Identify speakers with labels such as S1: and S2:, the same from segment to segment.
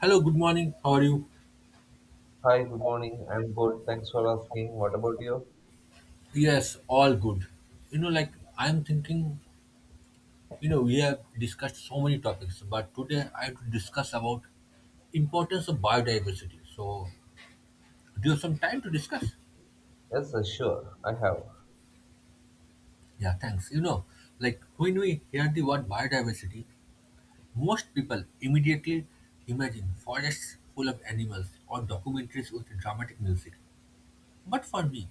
S1: Hello, good morning. How are you?
S2: Hi, good morning. I'm good. Thanks for asking. What about you?
S1: Yes, all good. Like I'm thinking, we have discussed so many topics, but today I have to discuss about importance of biodiversity. So, do you have some time to discuss?
S2: Yes, sure. I have.
S1: Yeah, thanks. Like when we hear the word biodiversity, most people immediately imagine forests full of animals or documentaries with dramatic music. But for me,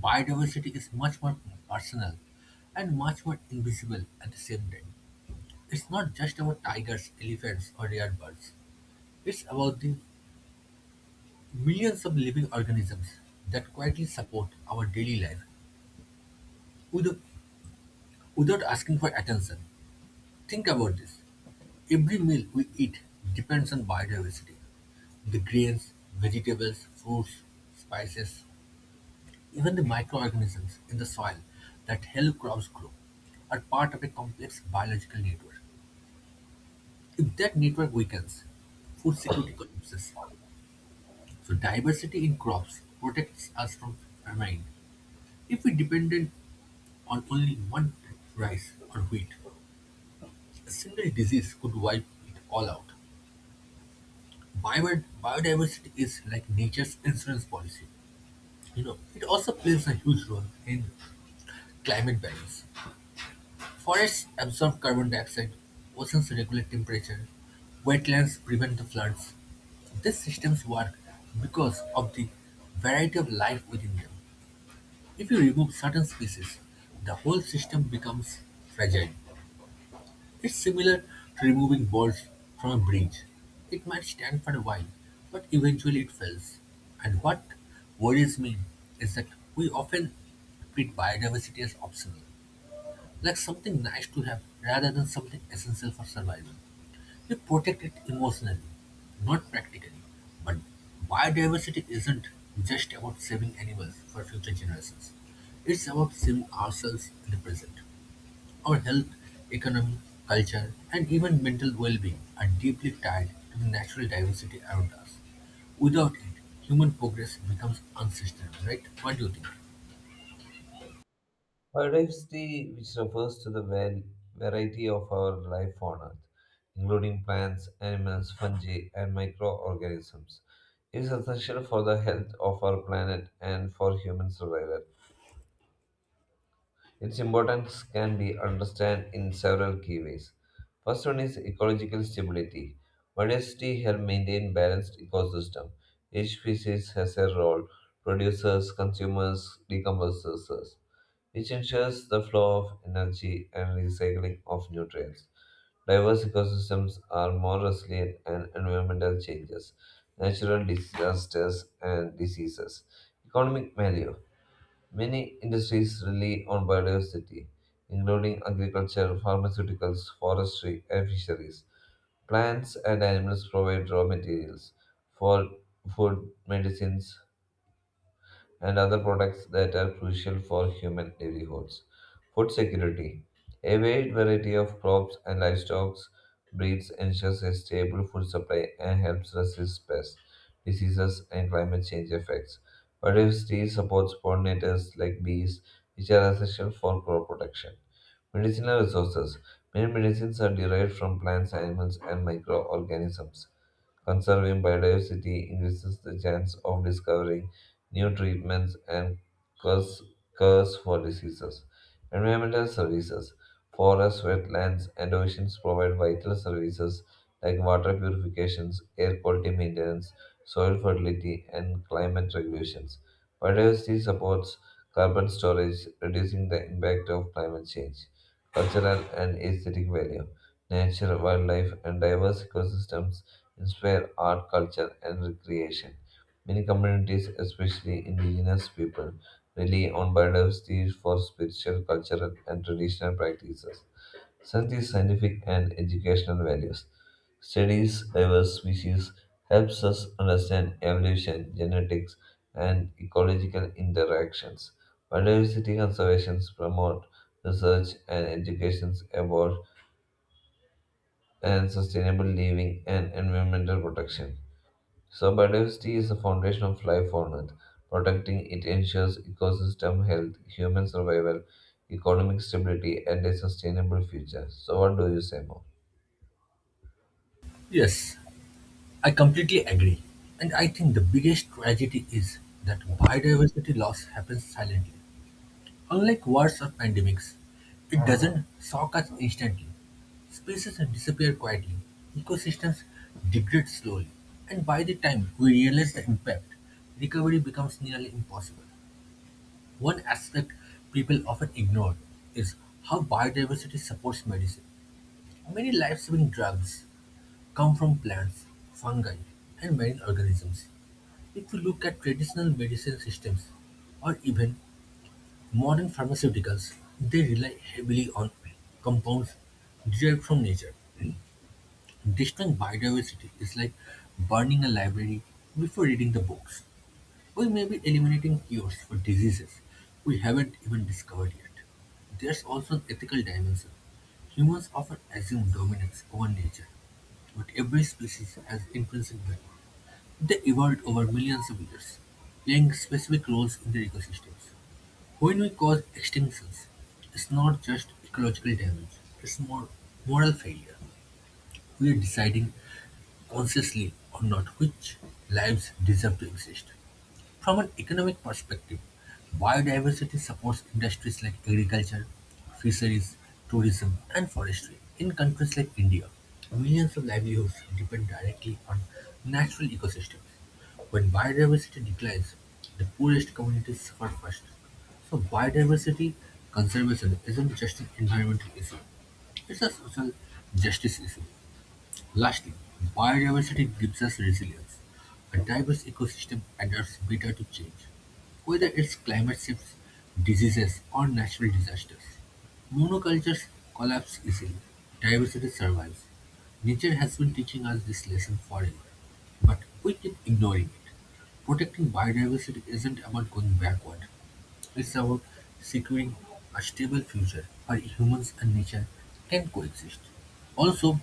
S1: biodiversity is much more personal and much more invisible at the same time. It's not just about tigers, elephants, or rare birds. It's about the millions of living organisms that quietly support our daily life without, without asking for attention. Think about this. Every meal we eat depends on biodiversity. The grains, vegetables, fruits, spices, even the microorganisms in the soil that help crops grow are part of a complex biological network. If that network weakens, food security collapses. So diversity in crops protects us from famine. If we depended on only one rice or wheat, a single disease could wipe it all out. Biodiversity is like nature's insurance policy. It also plays a huge role in climate balance. Forests absorb carbon dioxide, oceans regulate temperature, wetlands prevent the floods. These systems work because of the variety of life within them. If you remove certain species, the whole system becomes fragile. It's similar to removing bolts from a bridge. It might stand for a while, but eventually it fails. And what worries me is that we often treat biodiversity as optional, like something nice to have rather than something essential for survival. We protect it emotionally, not practically. But biodiversity isn't just about saving animals for future generations. It's about saving ourselves in the present. Our health, economy, culture, and even mental well-being are deeply tied to the natural diversity around us. Without it, human progress becomes unsustainable, right? What do you think?
S2: Biodiversity, which refers to the variety of our life on Earth, including plants, animals, fungi, and microorganisms, is essential for the health of our planet and for human survival. Its importance can be understood in several key ways. First one is ecological stability. Biodiversity help maintain balanced ecosystem. Each species has a role: producers, consumers, decomposers. It ensures the flow of energy and recycling of nutrients. Diverse ecosystems are more resilient and environmental changes, natural disasters, and diseases. Economic value. Many industries rely on biodiversity, including agriculture, pharmaceuticals, forestry, and fisheries. Plants and animals provide raw materials for food, medicines, and other products that are crucial for human livelihoods. Food security. A wide variety of crops and livestock breeds ensures a stable food supply and helps resist pests, diseases, and climate change effects. Biodiversity supports pollinators like bees, which are essential for crop protection. Medicinal resources. Many medicines are derived from plants, animals, and microorganisms. Conserving biodiversity increases the chance of discovering new treatments and cures, cures for diseases. Environmental services. Forests, wetlands, and oceans provide vital services like water purifications, air quality maintenance, soil fertility, and climate regulations. Biodiversity supports carbon storage, reducing the impact of climate change. Cultural and aesthetic value. Nature, wildlife, and diverse ecosystems inspire art, culture, and recreation. Many communities, especially indigenous people, rely on biodiversity for spiritual, cultural, and traditional practices. Such is scientific and educational values. Studies diverse species helps us understand evolution, genetics, and ecological interactions. Biodiversity conservations promote research and education about and sustainable living and environmental protection. So biodiversity is the foundation of life on Earth. Protecting it ensures ecosystem health, human survival, economic stability, and a sustainable future. So what do you say more?
S1: Yes, I completely agree. And I think the biggest tragedy is that biodiversity loss happens silently. Unlike wars or pandemics, it doesn't shock us instantly. Species disappear quietly, ecosystems degrade slowly, and by the time we realize the impact, recovery becomes nearly impossible. One aspect people often ignore is how biodiversity supports medicine. Many life-saving drugs come from plants, fungi, and marine organisms. If you look at traditional medicine systems or even modern pharmaceuticals, they rely heavily on compounds derived from nature. Destroying biodiversity is like burning a library before reading the books. We may be eliminating cures for diseases we haven't even discovered yet. There's also an ethical dimension. Humans often assume dominance over nature, but every species has intrinsic value. They evolved over millions of years, playing specific roles in their ecosystems. When we cause extinctions, it's not just ecological damage, it's more moral failure. We are deciding, consciously or not, which lives deserve to exist. From an economic perspective, biodiversity supports industries like agriculture, fisheries, tourism, and forestry. In countries like India, millions of livelihoods depend directly on natural ecosystems. When biodiversity declines, the poorest communities suffer first. So, biodiversity conservation isn't just an environmental issue, it's a social justice issue. Lastly, biodiversity gives us resilience. A diverse ecosystem adapts better to change, whether it's climate shifts, diseases, or natural disasters. Monocultures collapse easily. Diversity survives. Nature has been teaching us this lesson forever, but we keep ignoring it. Protecting biodiversity isn't about going backward. It's about securing a stable future where humans and nature can coexist. Also,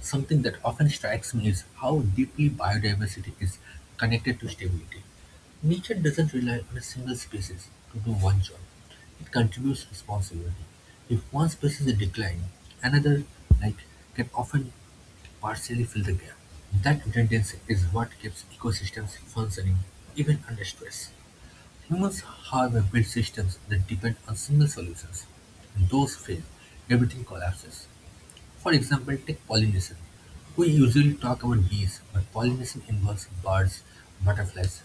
S1: something that often strikes me is how deeply biodiversity is connected to stability. Nature doesn't rely on a single species to do one job. It contributes responsibility. If one species declines, another like can often partially fill the gap. That redundancy is what keeps ecosystems functioning even under stress. Humans, however, build systems that depend on single solutions. When those fail, everything collapses. For example, take pollination. We usually talk about bees, but pollination involves birds, butterflies,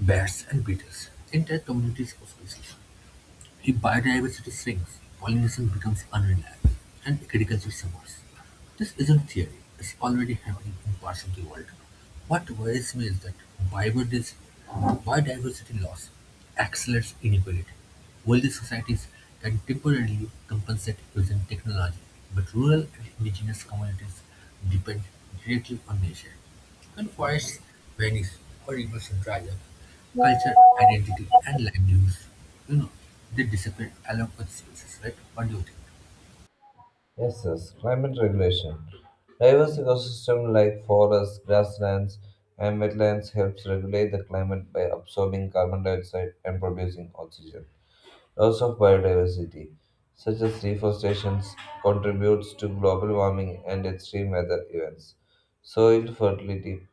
S1: bats, and beetles, entire communities of species. If biodiversity shrinks, pollination becomes unreliable, and agriculture suffers. This isn't theory, it's already happening in parts of the world. What worries me is that biodiversity, biodiversity loss accelerates inequality. Wealthy societies can temporarily compensate using technology, but rural and indigenous communities depend directly on nature. When forests vanish or rivers dry up, culture, identity, and livelihoods, you know, they disappear along with species, right? What do you think?
S2: Yes, yes. Climate regulation. Diverse ecosystem like forests, grasslands, and wetlands helps regulate the climate by absorbing carbon dioxide and producing oxygen. Loss of biodiversity, such as deforestation, contributes to global warming and extreme weather events. Soil fertility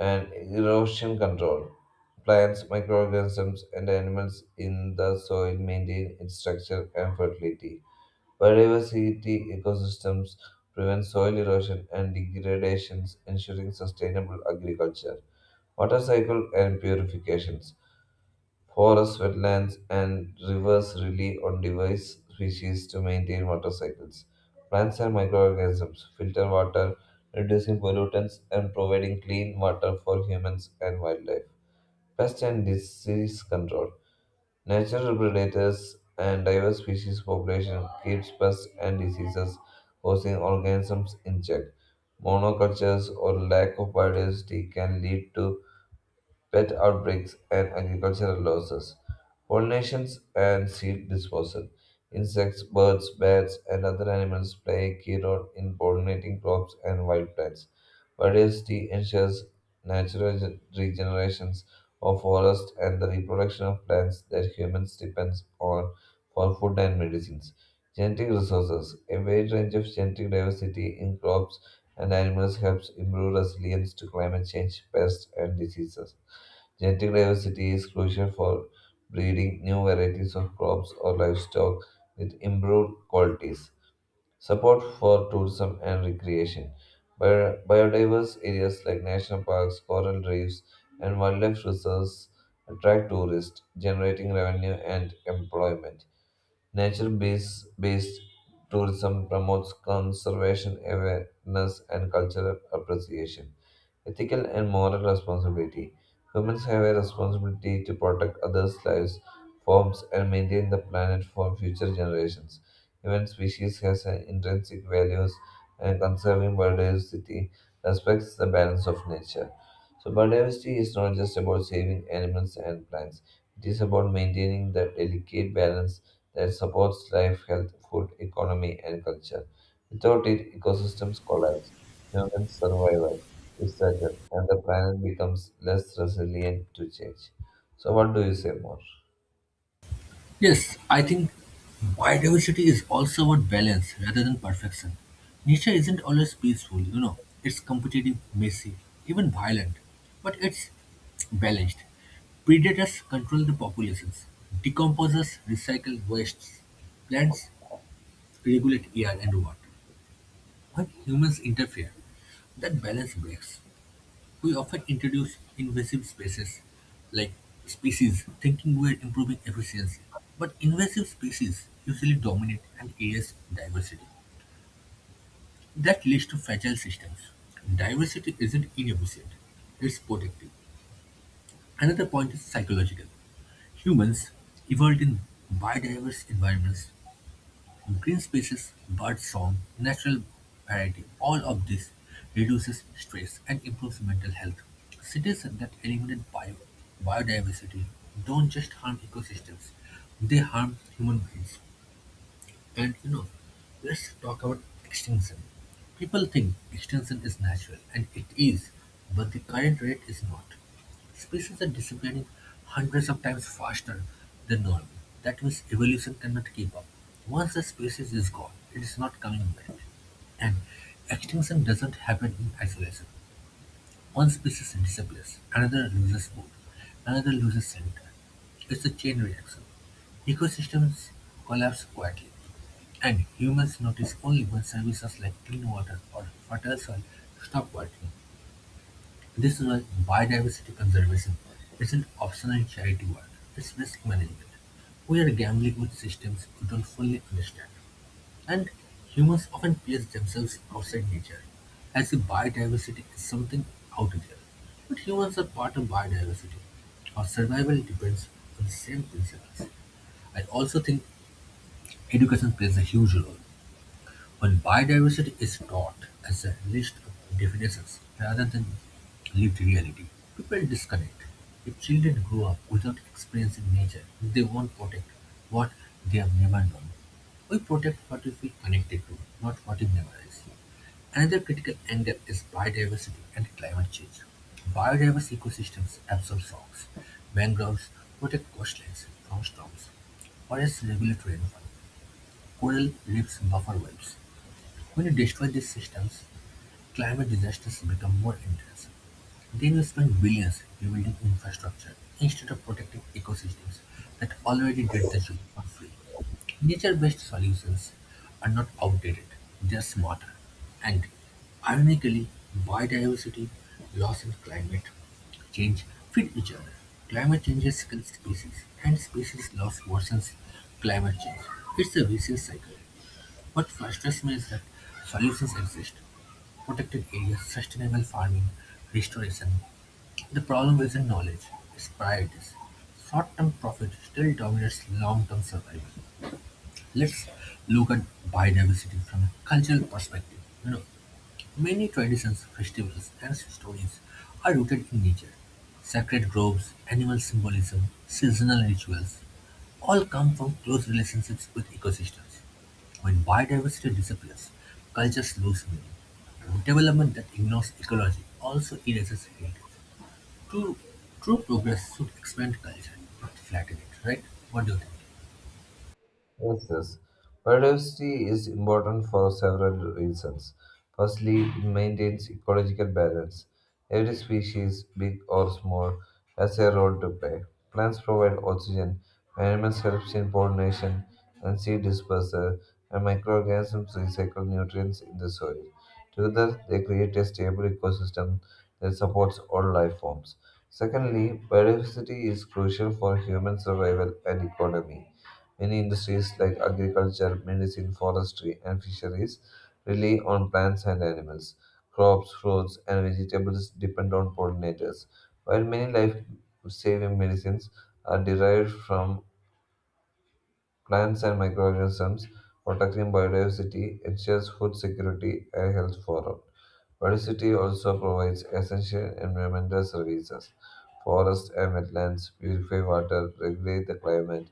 S2: and erosion control. Plants, microorganisms, and animals in the soil maintain its structure and fertility. Biodiversity ecosystems prevent soil erosion and degradations, ensuring sustainable agriculture. Water cycle and purifications. Forests, wetlands, and rivers rely on diverse species to maintain water cycles. Plants and microorganisms filter water, reducing pollutants and providing clean water for humans and wildlife. Pest and disease control. Natural predators and diverse species population keeps pests and diseases causing organisms in check. Monocultures or lack of biodiversity can lead to pet outbreaks and agricultural losses, pollinations and seed disposal. Insects, birds, bats, and other animals play a key role in pollinating crops and wild plants. Biodiversity ensures natural regenerations of forests and the reproduction of plants that humans depend on for food and medicines. Genetic resources. A wide range of genetic diversity in crops and animals helps improve resilience to climate change, pests, and diseases. Genetic diversity is crucial for breeding new varieties of crops or livestock with improved qualities. Support for tourism and recreation. Biodiverse areas like national parks, coral reefs, and wildlife reserves attract tourists, generating revenue and employment. Nature based tourism promotes conservation awareness and cultural appreciation. Ethical and moral responsibility. Humans have a responsibility to protect others' lives, forms, and maintain the planet for future generations. Even species has an intrinsic values, and conserving biodiversity respects the balance of nature. So biodiversity is not just about saving animals and plants. It is about maintaining the delicate balance that supports life, health, food, economy, and culture. Without it, ecosystems collapse, human survival is threatened, and the planet becomes less resilient to change. So, what do you say more?
S1: Yes, I think biodiversity is also about balance rather than perfection. Nature isn't always peaceful, it's competitive, messy, even violent, but it's balanced. Predators control the populations, decomposers recycle wastes, plants regulate air and water. When humans interfere, that balance breaks. We often introduce invasive species like species thinking we're improving efficiency, but invasive species usually dominate and erase diversity. That leads to fragile systems. Diversity isn't inefficient, it's protective. Another point is psychological. Humans evolved in biodiverse environments, green spaces, bird song, natural variety, all of this reduces stress and improves mental health. Cities that eliminate biodiversity don't just harm ecosystems, they harm human beings. And let's talk about extinction. People think extinction is natural, and it is, but the current rate is not. Species are disappearing hundreds of times faster than normal. That means evolution cannot keep up. Once a species is gone, it is not coming back. And extinction doesn't happen in isolation. One species disappears, another loses food, another loses shelter. It's a chain reaction. Ecosystems collapse quietly, and humans notice only when services like clean water or fertile soil stop working. This is why biodiversity conservation isn't optional charity work, it's risk management. We are gambling with systems we don't fully understand. And humans often place themselves outside nature, as if biodiversity is something out there. But humans are part of biodiversity. Our survival depends on the same principles. I also think education plays a huge role. When biodiversity is taught as a list of definitions rather than lived reality, people disconnect. If children grow up without experiencing nature, they won't protect what they have never known. We protect what we feel connected to, not what we memorize. Another critical angle is biodiversity and climate change. Biodiverse ecosystems absorb shocks. Mangroves protect coastlines from storms. Forests regulate rainfall. Coral reefs buffer waves. When you destroy these systems, climate disasters become more intense. Then you spend billions rebuilding infrastructure instead of protecting ecosystems that already did the job for free. Nature-based solutions are not outdated, they are smarter. And ironically, biodiversity loss and climate change feed each other. Climate changes kill species, and species loss worsens climate change. It's a vicious cycle. What frustrates me is that solutions exist: protected areas, sustainable farming, restoration. The problem isn't knowledge, it's priorities. Short-term profit still dominates long-term survival. Let's look at biodiversity from a cultural perspective. You know, Many traditions, festivals, and stories are rooted in nature. Sacred groves, animal symbolism, seasonal rituals all come from close relationships with ecosystems. When biodiversity disappears, cultures lose meaning. Development that ignores ecology also erases heritage. True, true progress should expand culture, not flatten it, right? What do you think?
S2: Yes, yes. Biodiversity is important for several reasons. Firstly, it maintains ecological balance. Every species, big or small, has a role to play. Plants provide oxygen, animals help in pollination and seed dispersal, and microorganisms recycle nutrients in the soil. Together, they create a stable ecosystem that supports all life forms. Secondly, biodiversity is crucial for human survival and economy. Many industries like agriculture, medicine, forestry, and fisheries rely on plants and animals. Crops, fruits, and vegetables depend on pollinators, while many life saving medicines are derived from plants and microorganisms. Protecting biodiversity ensures food security and health for all. Biodiversity also provides essential environmental services. Forests and wetlands purify water, regulate the climate,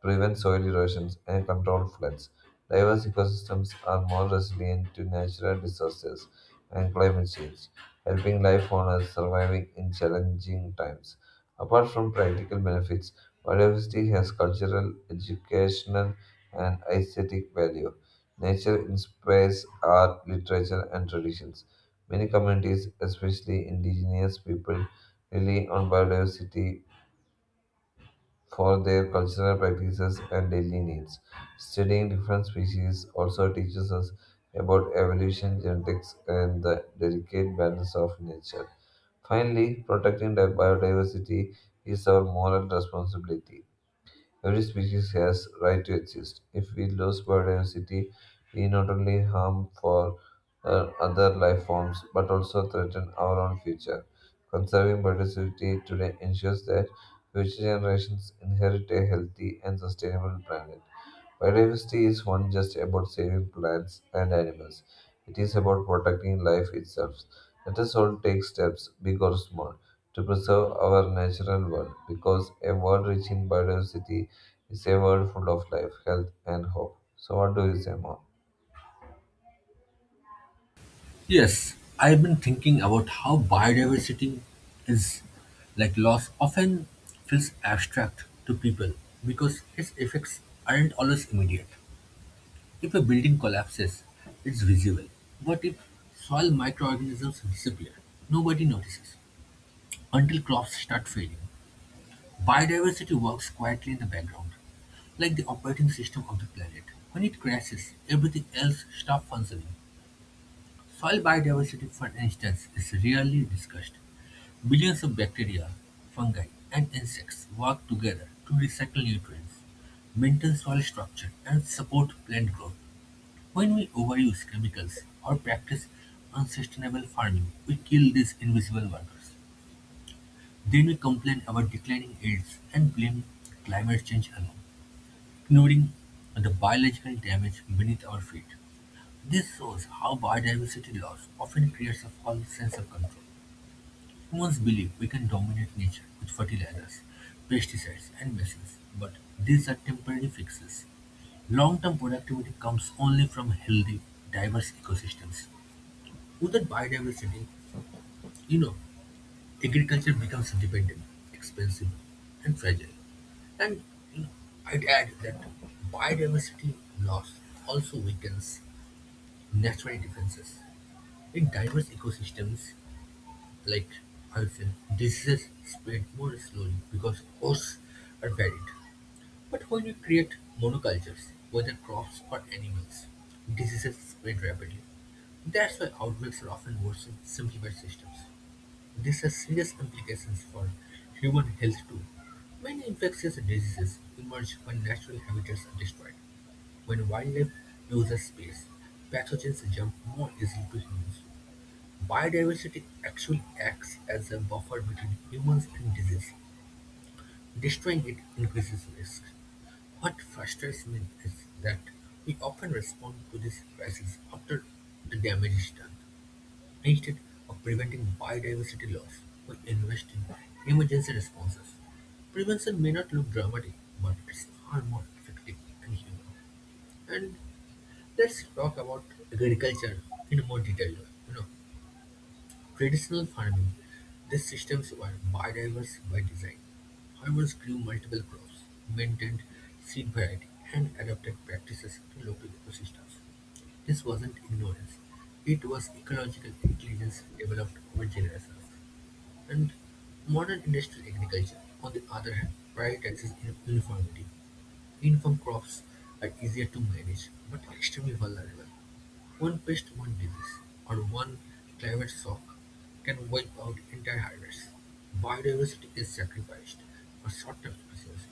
S2: prevent soil erosion, and control floods. Diverse ecosystems are more resilient to natural disasters and climate change, helping life on Earth surviving in challenging times. Apart from practical benefits, biodiversity has cultural, educational, and aesthetic value. Nature inspires art, literature, and traditions. Many communities, especially indigenous people, rely on biodiversity for their cultural practices and daily needs. Studying different species also teaches us about evolution, genetics, and the delicate balance of nature. Finally, protecting the biodiversity is our moral responsibility. Every species has right to exist. If we lose biodiversity, we not only harm for other life forms but also threaten our own future. Conserving biodiversity today ensures that future generations inherit a healthy and sustainable planet. Biodiversity is one just about saving plants and animals. It is about protecting life itself. Let us all take steps, big or small, to preserve our natural world because a world rich in biodiversity it's a world full of life, health, and hope. So, what do you say more?
S1: Yes, I've been thinking about how biodiversity is like loss often feels abstract to people because its effects aren't always immediate. If a building collapses, it's visible. But if soil microorganisms disappear, nobody notices. Until crops start failing, biodiversity works quietly in the background, like the operating system of the planet. When it crashes, everything else stops functioning. Soil biodiversity, for instance, is rarely discussed. Billions of bacteria, fungi, and insects work together to recycle nutrients, maintain soil structure, and support plant growth. When we overuse chemicals or practice unsustainable farming, we kill these invisible workers. Then we complain about declining yields and blame climate change alone, ignoring the biological damage beneath our feet. This shows how biodiversity loss often creates a false sense of control. Humans believe we can dominate nature with fertilizers, pesticides, and machines, but these are temporary fixes. Long-term productivity comes only from healthy, diverse ecosystems. Without biodiversity, you know, agriculture becomes dependent, expensive, and fragile. And you know, I'd add that biodiversity loss also weakens natural defenses. In diverse ecosystems like ocean, diseases spread more slowly because hosts are varied. But when you create monocultures, whether crops or animals, diseases spread rapidly. That's why outbreaks are often worse in simplified systems. This has serious implications for human health too. Many infectious diseases emerge when natural habitats are destroyed. When wildlife loses space, pathogens jump more easily to humans. Biodiversity actually acts as a buffer between humans and disease. Destroying it increases risk. What frustrates me is that we often respond to this crisis after the damage is done. Instead of preventing biodiversity loss, we invest in emergency responses. Prevention may not look dramatic, but it's far more effective and human. And let's talk about agriculture in more detail. You know, Traditional farming: these systems were biodiverse by design. Farmers grew multiple crops, maintained seed variety, and adapted practices to local ecosystems. This wasn't ignorance. It was ecological intelligence developed over generations. And modern industrial agriculture, on the other hand, prioritizes uniformity. Invern crops are easier to manage, but extremely vulnerable. One pest, one disease, or one climate shock can wipe out entire harvests. Biodiversity is sacrificed for short-term efficiency.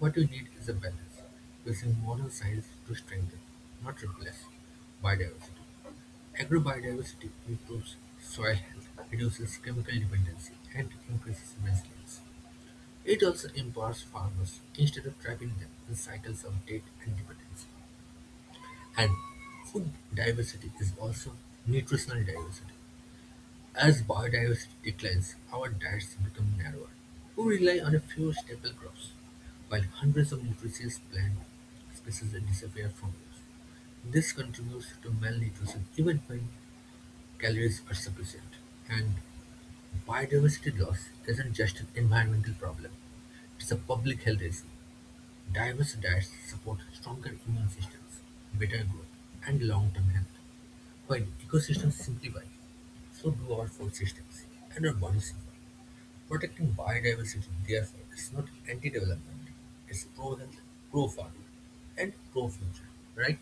S1: What we need is a balance, using modern science to strengthen, not replace, biodiversity. Agrobiodiversity improves soil health, reduces chemical dependency, and increases resilience. It also empowers farmers instead of trapping them in cycles of debt and dependence. And food diversity is also nutritional diversity. As biodiversity declines, our diets become narrower. We rely on a few staple crops, while hundreds of nutritious plant species disappear from us. This contributes to malnutrition even when calories are sufficient. And biodiversity loss isn't just an environmental problem, it's a public health issue. Diverse diets support stronger immune systems, better growth, and long-term health. While ecosystems simplify, so do our food systems and our bodies. Protecting biodiversity, therefore, is not anti-development. It's pro-health, pro-farmer, and pro-future, right?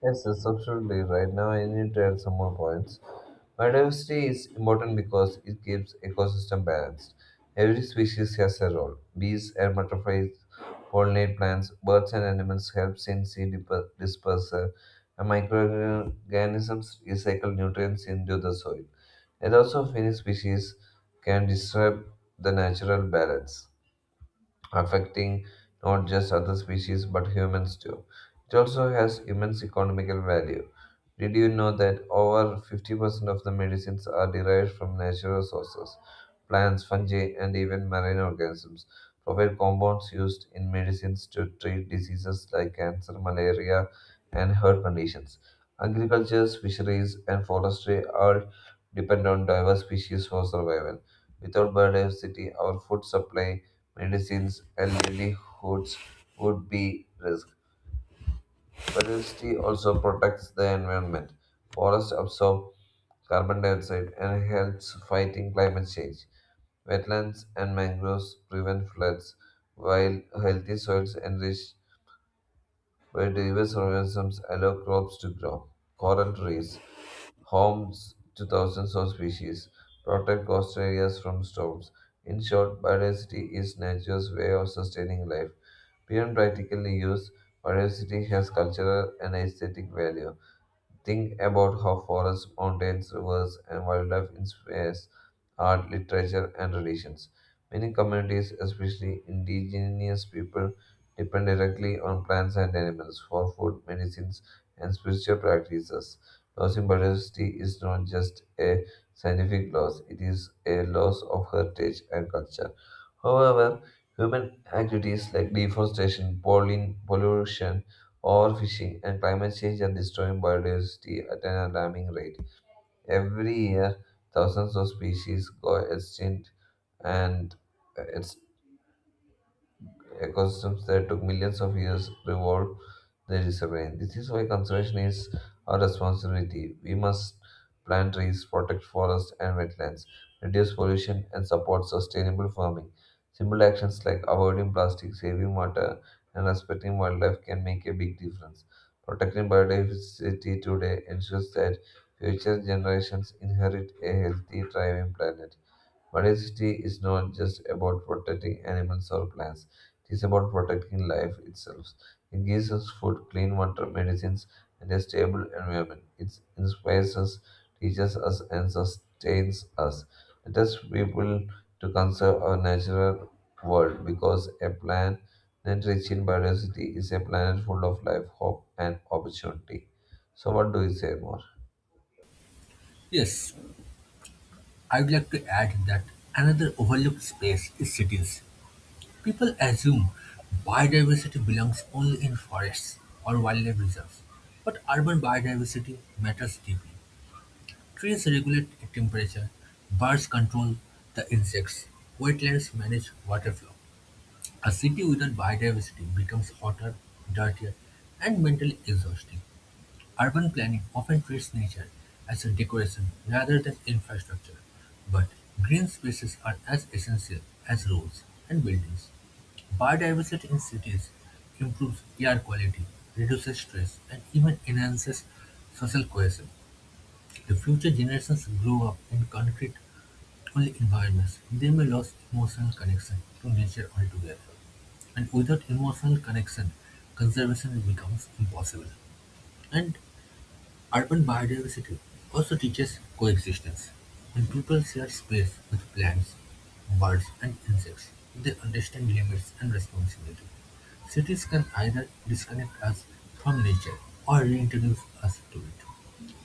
S2: Yes, yes, absolutely. Right now, I need to add some more points. Biodiversity is important because it keeps ecosystem balanced. Every species has a role. Bees and butterflies pollinate plants. Birds and animals help in seed dispersal, and microorganisms recycle nutrients into the soil. And also, many species can disrupt the natural balance, affecting not just other species but humans too. It also has immense economical value. Did you know that over 50% of the medicines are derived from natural sources? Plants, fungi, and even marine organisms provide compounds used in medicines to treat diseases like cancer, malaria, and heart conditions. Agriculture, fisheries, and forestry all depend on diverse species for survival. Without biodiversity, our food supply, medicines, and livelihoods would be risk. Biodiversity also protects the environment. Forests absorb carbon dioxide and helps fighting climate change. Wetlands and mangroves prevent floods, while healthy soils enrich biodiverse organisms allow crops to grow. Coral reefs homes to thousands of species, protect coastal areas from storms. In short, biodiversity is nature's way of sustaining life. Beyond practical use, biodiversity has cultural and aesthetic value. Think about how forests, mountains, rivers, and wildlife inspires art, literature, and traditions. Many communities, especially indigenous people, depend directly on plants and animals for food, medicines, and spiritual practices. Losing biodiversity is not just a scientific loss, it is a loss of heritage and culture. However, human activities like deforestation, pollen pollution, overfishing, and climate change are destroying biodiversity at an alarming rate. Every year, thousands of species go extinct, and it's ecosystems that took millions of years to evolve they disappearing. This is why conservation is our responsibility. We must plant trees, protect forests and wetlands, reduce pollution, and support sustainable farming. Simple actions like avoiding plastic, saving water, and respecting wildlife can make a big difference. Protecting biodiversity today ensures that future generations inherit a healthy, thriving planet. Biodiversity is not just about protecting animals or plants, it is about protecting life itself. It gives us food, clean water, medicines, and a stable environment. It inspires us, teaches us, and sustains us. Let us people to conserve our natural world because a planet rich in biodiversity is a planet full of life, hope, and opportunity. So, what do you say more?
S1: Yes, I would like to add that another overlooked space is cities. People assume biodiversity belongs only in forests or wildlife reserves, but urban biodiversity matters deeply. Trees regulate temperature, birds control the insects, wetlands manage water flow. A city without biodiversity becomes hotter, dirtier, and mentally exhausting. Urban planning often treats nature as a decoration rather than infrastructure, but green spaces are as essential as roads and buildings. Biodiversity in cities improves air quality, reduces stress, and even enhances social cohesion. The future generations grow up in concrete-only environments, they may lose emotional connection to nature altogether, and without emotional connection, conservation becomes impossible. And urban biodiversity also teaches coexistence. When people share space with plants, birds, and insects, they understand limits and responsibility. Cities can either disconnect us from nature or reintroduce us to it.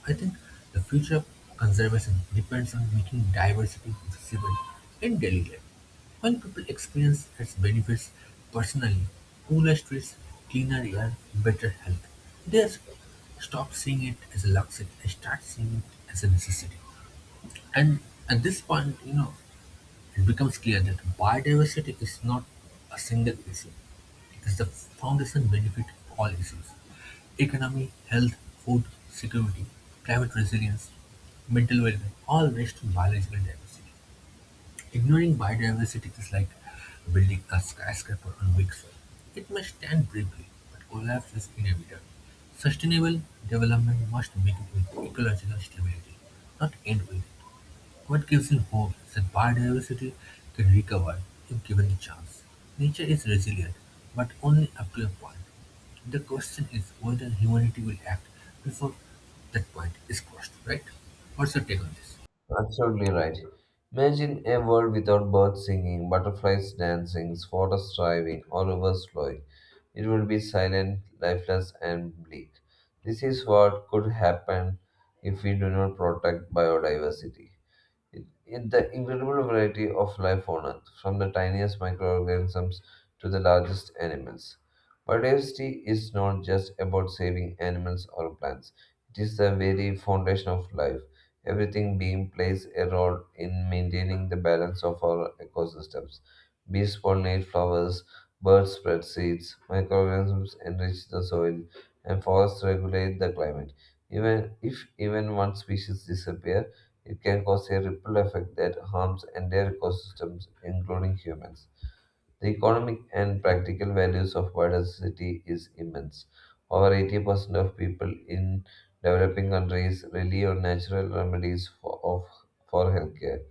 S1: I think the future of conservation depends on making diversity visible in daily life. While people experience its benefits personally, cooler streets, cleaner air, better health, they s- stop seeing it as a luxury and start seeing it as a necessity. And at this point, it becomes clear that biodiversity is not a single issue, it is the foundation benefit of all issues, economy, health, food, security, climate resilience, mental well being all rest on biological diversity. Ignoring biodiversity is like building a skyscraper on weak soil. It may stand briefly, but collapse is inevitable. Sustainable development must begin with ecological stability, not end with it. What gives me hope is that biodiversity can recover if given the chance. Nature is resilient, but only up to a point. The question is whether humanity will act before that point is crossed, right? What's your take on this?
S2: Absolutely right. Imagine a world without birds singing, butterflies dancing, forests thriving, or rivers flowing. It would be silent, lifeless, and bleak. This is what could happen if we do not protect biodiversity. The incredible variety of life on Earth, from the tiniest microorganisms to the largest animals. Biodiversity is not just about saving animals or plants, it is the very foundation of life. Everything being plays a role in maintaining the balance of our ecosystems. Bees pollinate flowers, birds spread seeds, microorganisms enrich the soil, and forests regulate the climate. Even if even one species disappears, it can cause a ripple effect that harms entire ecosystems, including humans. The economic and practical values of biodiversity is immense. Over 80% of people in developing countries rely on natural remedies for healthcare.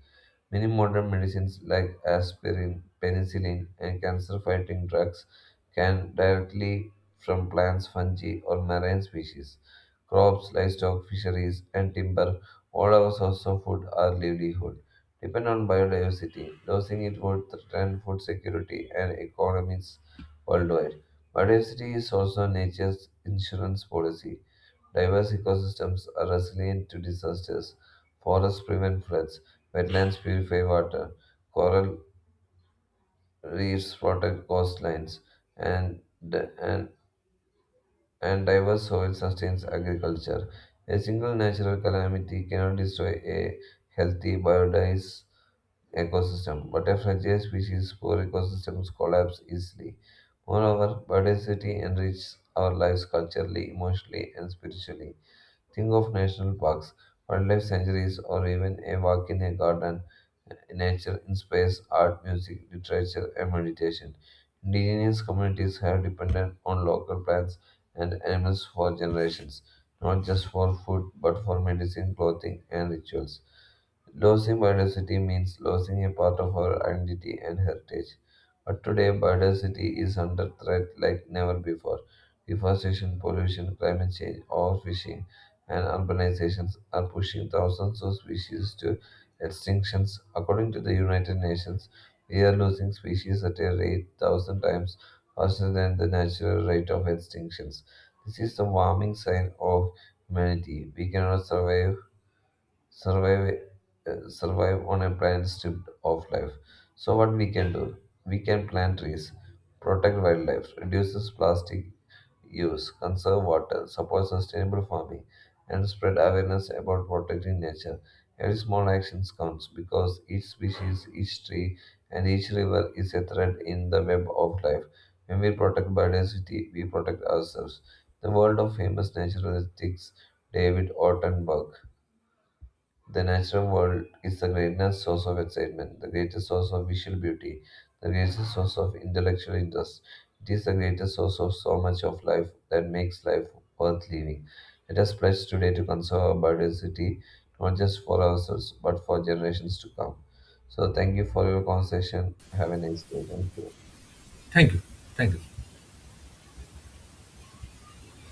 S2: Many modern medicines like aspirin, penicillin, and cancer fighting drugs can directly from plants, fungi, or marine species. Crops, livestock, fisheries, and timber, all our sources of food are livelihood. Depend on biodiversity. Losing it would threaten food security and economies worldwide. Biodiversity is also nature's insurance policy. Diverse ecosystems are resilient to disasters. Forests prevent floods. Wetlands purify water, coral reefs protect coastlines, and, and, and diverse soil sustains agriculture. A single natural calamity cannot destroy a healthy biodiverse ecosystem, but a fragile species poor ecosystems collapse easily. Moreover, biodiversity enriches our lives culturally, emotionally, and spiritually. Think of national parks, wildlife sanctuaries, or even a walk in a garden, nature inspires art, music, literature, and meditation. Indigenous communities have depended on local plants and animals for generations, not just for food but for medicine, clothing, and rituals. Losing biodiversity means losing a part of our identity and heritage. But today, biodiversity is under threat like never before. Deforestation, pollution, climate change, overfishing, and urbanizations are pushing thousands of species to extinctions. According to the United Nations, we are losing species at a rate 1,000 times faster than the natural rate of extinctions. This is the warming sign of humanity. We cannot survive survive uh, survive on a planet stripped of life. So what we can do? We can plant trees, protect wildlife, reduces plastic use, conserve water, support sustainable farming, and spread awareness about protecting nature. Every small action counts because each species, each tree, and each river is a thread in the web of life. When we protect biodiversity, we protect ourselves. The world of famous naturalistics David Ortenberg: the natural world is the greatest source of excitement, the greatest source of visual beauty, the greatest source of intellectual interest. It is the greatest source of so much of life that makes life worth living. Let us pledge today to conserve our biodiversity, not just for ourselves, but for generations to come. So, thank you for your conversation. Have a nice day. Thank you.
S1: Thank you. Thank you.